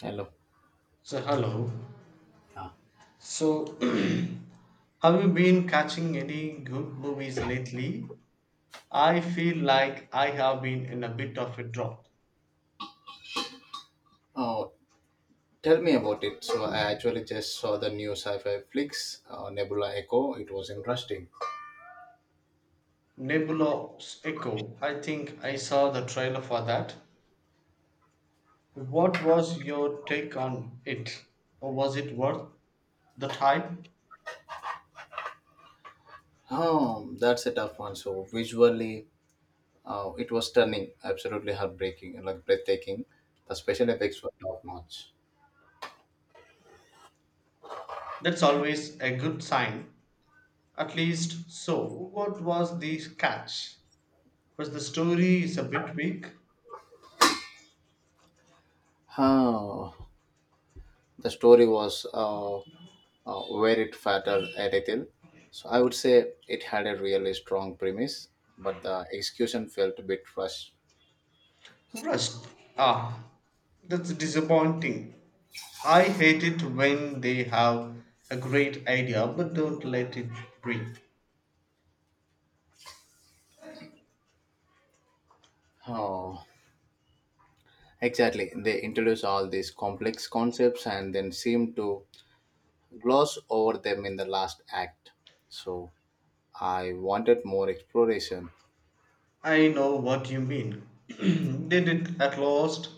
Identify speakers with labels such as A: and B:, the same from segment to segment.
A: Hello.
B: So hello. So have you been catching any good movies lately? I feel like I have been in a bit of a drought.
A: Oh, tell me about it. So I actually just saw the new sci-fi flicks, Nebula Echo. It was interesting.
B: Nebula's Echo. I think I saw the trailer for that. What was your take on it? Or was it worth the hype?
A: Oh, that's a tough one. So visually, it was stunning, absolutely heartbreaking, and like breathtaking. The special effects were top notch.
B: That's always a good sign. At least so. What was the catch? Because the story is a bit weak.
A: Oh, the story was very fatal a little. So I would say it had a really strong premise, but the execution felt a bit rushed.
B: Rust. Ah, that's disappointing. I hate it when they have a great idea but don't let it breathe.
A: Oh. Exactly. They introduce all these complex concepts and then seem to gloss over them in the last act. So I wanted more exploration.
B: I know what you mean. Did it at last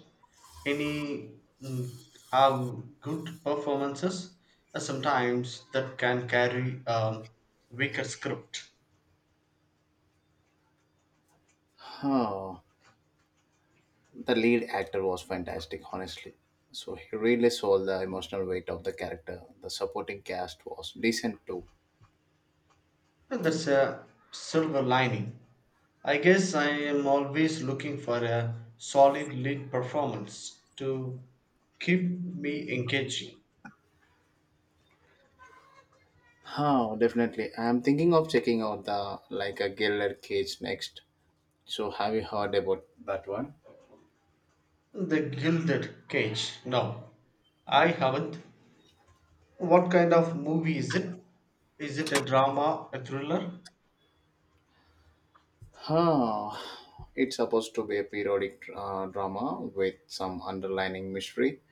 B: any have good performances? Sometimes that can carry a weaker script.
A: Oh, the lead actor was fantastic, honestly. So he really sold the emotional weight of the character. The supporting cast was decent too.
B: Well, that's a silver lining. I guess I am always looking for a solid lead performance to keep me engaging.
A: Oh, definitely. I'm thinking of checking out the like a Gilded Cage next. So have you heard about that one?
B: The Gilded Cage. No, I haven't. What kind of movie is it? Is it a drama, a thriller?
A: Huh. It's supposed to be a periodic drama with some underlining mystery.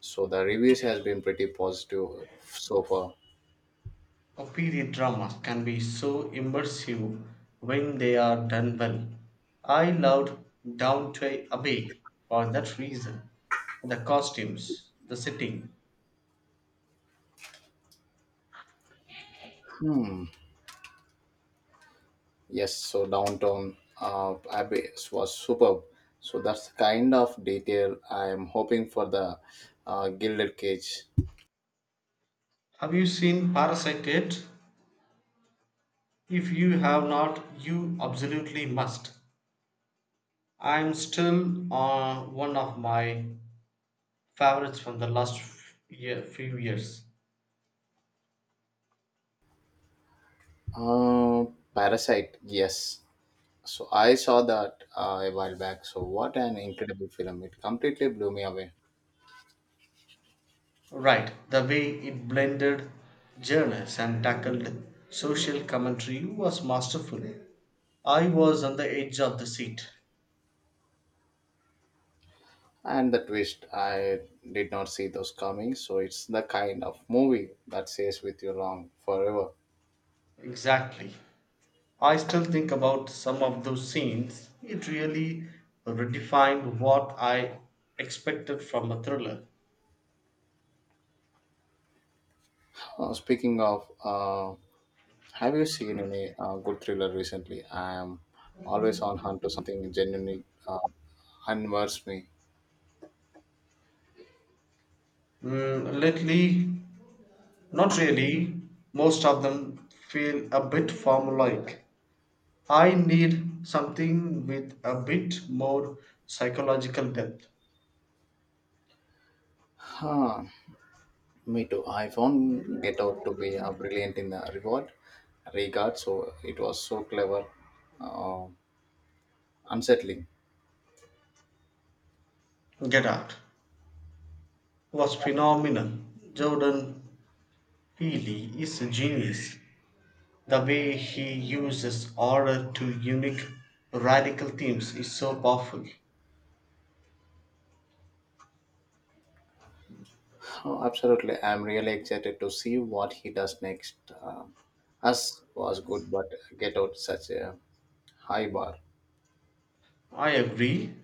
A: So the reviews has been pretty positive so far.
B: Period dramas can be so immersive when they are done well. I loved Downton Abbey for that reason. The costumes, the setting.
A: Yes, so Downtown Abbey was superb. So that's the kind of detail I am hoping for the Gilded Cage.
B: Have you seen Parasite yet? If you have not, you absolutely must. I'm still on one of my favorites from the last year, few years.
A: Uh, Parasite, yes. So I saw that a while back. So what an incredible film! It completely blew me away.
B: Right, the way it blended genres and tackled social commentary was masterful. I was on the edge of the seat.
A: And the twist I did not see those coming, so it's the kind of movie that stays with you long forever.
B: Exactly. I still think about some of those scenes. It really redefined what I expected from a thriller.
A: Speaking of, have you seen any good thriller recently? I am always on hunt to something genuinely unnerves me.
B: Mm, lately, not really. Most of them feel a bit formulaic. I need something with a bit more psychological depth.
A: huh, me too. I found Get Out to be brilliant in the reward regard. So it was so clever, uh, unsettling.
B: Get Out was phenomenal. Jordan Peele is a genius. The way he uses horror to unique, radical themes is so powerful.
A: Oh, absolutely. I'm really excited to see what he does next. Um Us was good, but Get Out such a high bar.
B: I agree.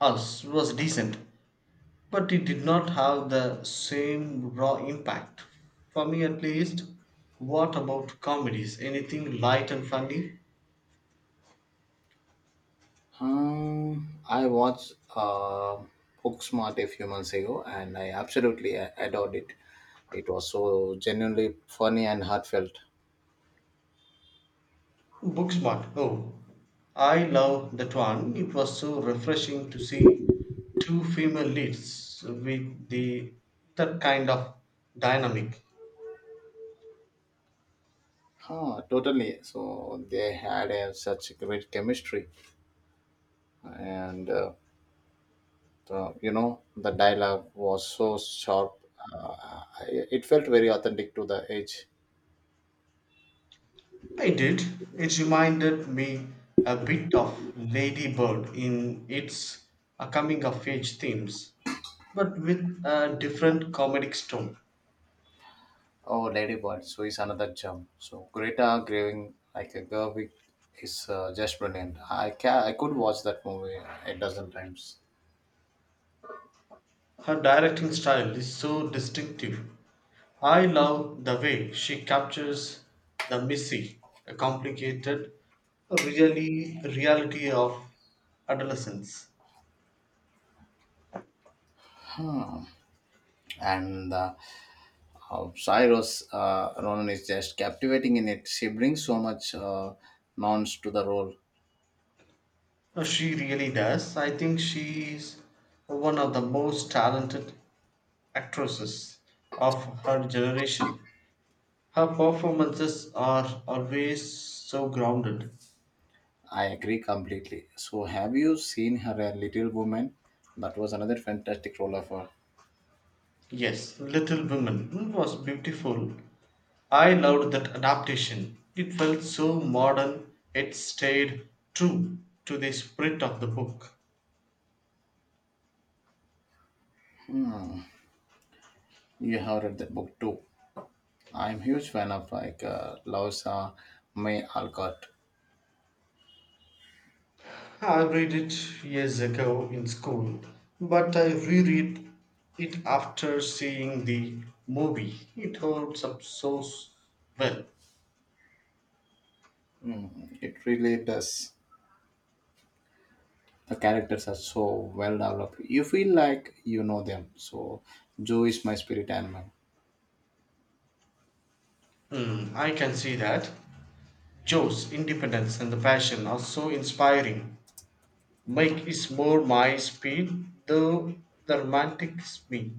B: Us was decent, but it did not have the same raw impact. For me, at least. What about comedies? Anything light and funny?
A: Um, I watched uh, Booksmart a few months ago, and I absolutely adored it. It was so genuinely funny and heartfelt.
B: Booksmart. Oh, I love that one. It was so refreshing to see two female leads with the that kind of dynamic.
A: Totally. So they had such great chemistry, and the the dialogue was so sharp. Uh, it felt very authentic to the age.
B: I did. It reminded me a bit of Lady Bird in its coming of age themes, but with a different comedic tone.
A: Oh, Ladybird, so is another gem. So Greta Graving like a Gerwig is just brilliant. I could watch that movie a dozen times.
B: Her directing style is so distinctive. I love the way she captures the messy, complicated really reality of adolescence.
A: And how Cyrus Ronan is just captivating in it. She brings so much nuance to the role.
B: She really does. I think she is one of the most talented actresses of her generation. Her performances are always so grounded.
A: I agree completely. So have you seen her Little Woman? That was another fantastic role of her.
B: Yes, Little Women was beautiful. I loved that adaptation. It felt so modern, it stayed true to the spirit of the book.
A: You have read that book too. I'm huge fan of Louisa May Alcott.
B: I read it years ago in school, but I reread it after seeing the movie. It holds up so well.
A: It really does. The characters are so well developed, you feel like you know them. So Joe is my spirit animal.
B: Hmm, I can see that. Joe's independence and the passion are so inspiring. Mike is more my speed, though the romantic is me.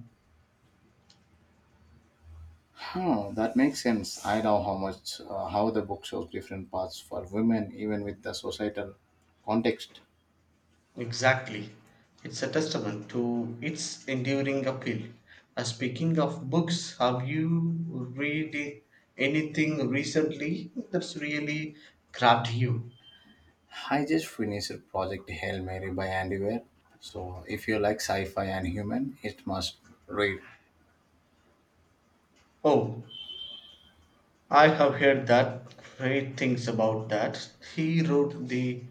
A: That makes sense. I love how the book shows different paths for women even with the societal context.
B: Exactly. It's a testament to its enduring appeal. Speaking of books, have you read anything recently that's really grabbed you?
A: I just finished Project Hail Mary by Andy Weir. So if you like sci-fi and human, it must read.
B: Oh, I have heard that great things about that. He wrote The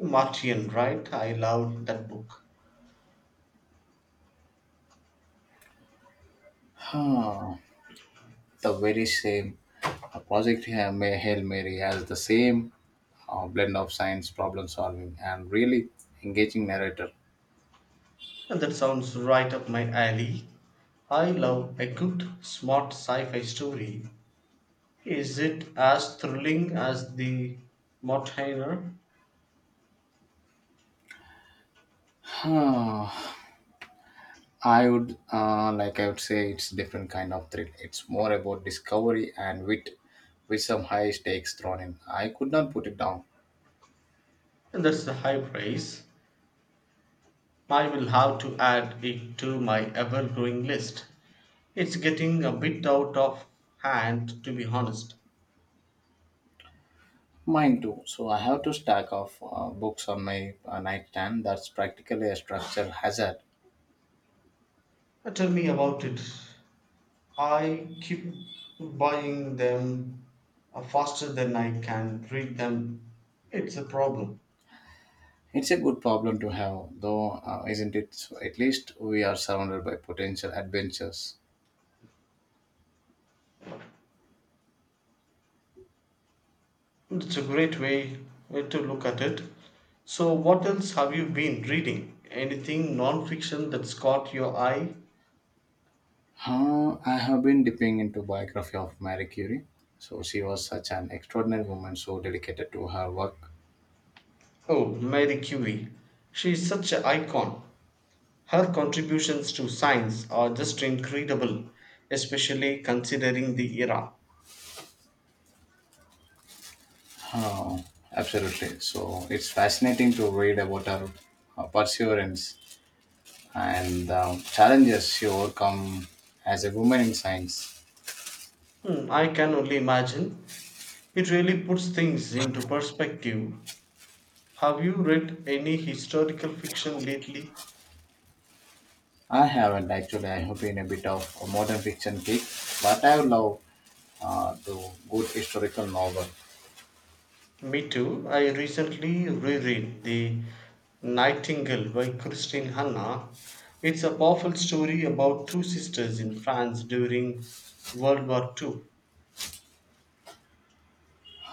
B: Martian, right? I loved that book.
A: huh, the very same. Hail Mary has the same blend of science, problem solving, and really engaging narrator.
B: And That sounds right up my alley. I love a good, smart sci fi story. Is it as thrilling as The Mountaineer?
A: Uh, I would say it's different kind of thrill. It's more about discovery and wit with some high stakes thrown in. I could not put it down.
B: And That's the high praise. I will have to add it to my ever growing list. It's getting a bit out of hand, to be honest.
A: Mine too. So I have to stack of books on my nightstand. That's practically a structural hazard.
B: Tell me about it. I keep buying them faster than I can read them. It's a problem.
A: It's a good problem to have, though, isn't it? So at least we are surrounded by potential adventures.
B: It's a great way to look at it. So, what else have you been reading? Anything non-fiction that's caught your eye?
A: I have been dipping into biography of Marie Curie. So she was such an extraordinary woman, so dedicated to her work.
B: Oh, Mary Curie. She's such an icon. Her contributions to science are just incredible, especially considering the era.
A: Oh, absolutely. So it's fascinating to read about her, her perseverance and the challenges she overcome as a woman in science.
B: Hmm, I can only imagine. It really puts things into perspective. Have you read any historical fiction lately?
A: I haven't actually. I have been a bit of a modern fiction geek, but I love the good historical novel.
B: Me too. I recently reread The Nightingale by Christine Hanna. It's a powerful story about two sisters in France during World War II.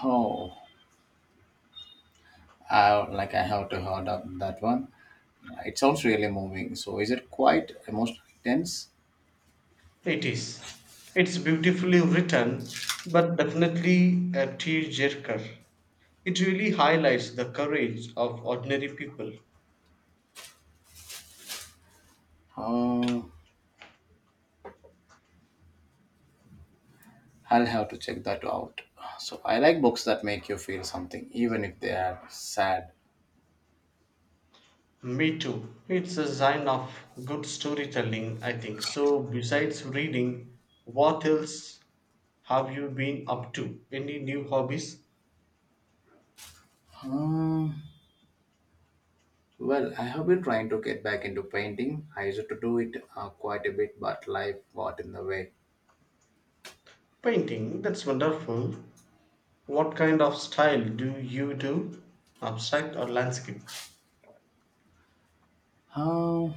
A: Oh, I have to heard of that one. It sounds really moving. So is it quite emotionally tense?
B: It is. It's beautifully written, but definitely a tearjerker. It really highlights the courage of ordinary people.
A: Uh, I'll have to check that out. So I like books that make you feel something, even if they are sad.
B: Me too. It's a sign of good storytelling, I think. So, besides reading, what else have you been up to? Any new hobbies?
A: Um, well, I have been trying to get back into painting. I used to do it quite a bit, but life got in the way.
B: Painting, that's wonderful. What kind of style do you do? Abstract or landscape?
A: Um,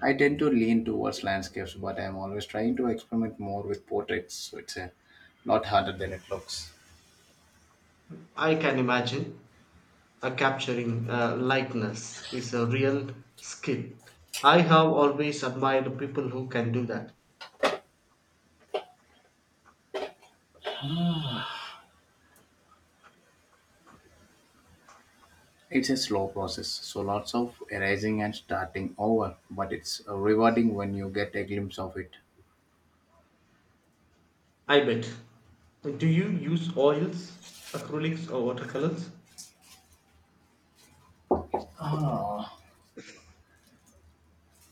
A: I tend to lean towards landscapes, but I'm always trying to experiment more with portraits. So it's a lot harder than it looks.
B: I can imagine capturing likeness is a real skill. I have always admired people who can do that.
A: It's a slow process, so lots of erasing and starting over, but it's rewarding when you get a glimpse of it.
B: I bet. Do you use oils, acrylics, or watercolors?
A: Ah,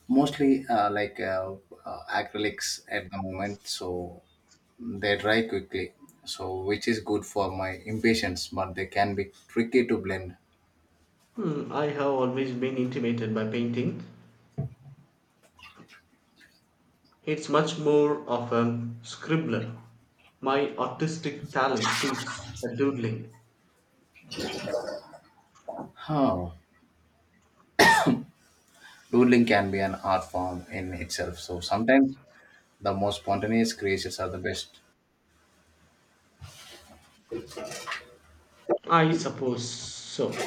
A: mostly acrylics at the moment, so they dry quickly, so which is good for my impatience, but they can be tricky to blend.
B: Hmm, I have always been intimidated by painting. It's much more of a scribbler. My artistic talent peaks at doodling.
A: Huh. Doodling can be an art form in itself, so sometimes the most spontaneous creations are the best.
B: I suppose so.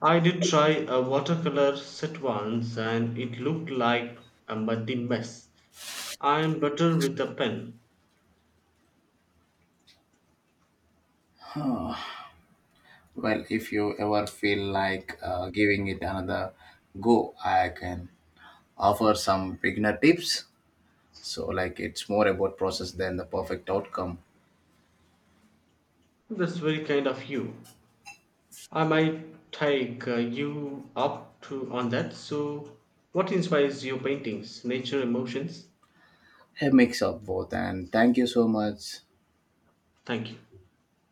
B: I did try a watercolor set once and it looked like a muddy mess. I am better with a pen.
A: Well, if you ever feel like giving it another go, I can offer some beginner tips. So like it's more about process than the perfect outcome.
B: That's very kind of you. I might take you up to on that. So, what inspires your paintings? Nature, emotions?
A: A mix of both, and thank you so much.
B: Thank you.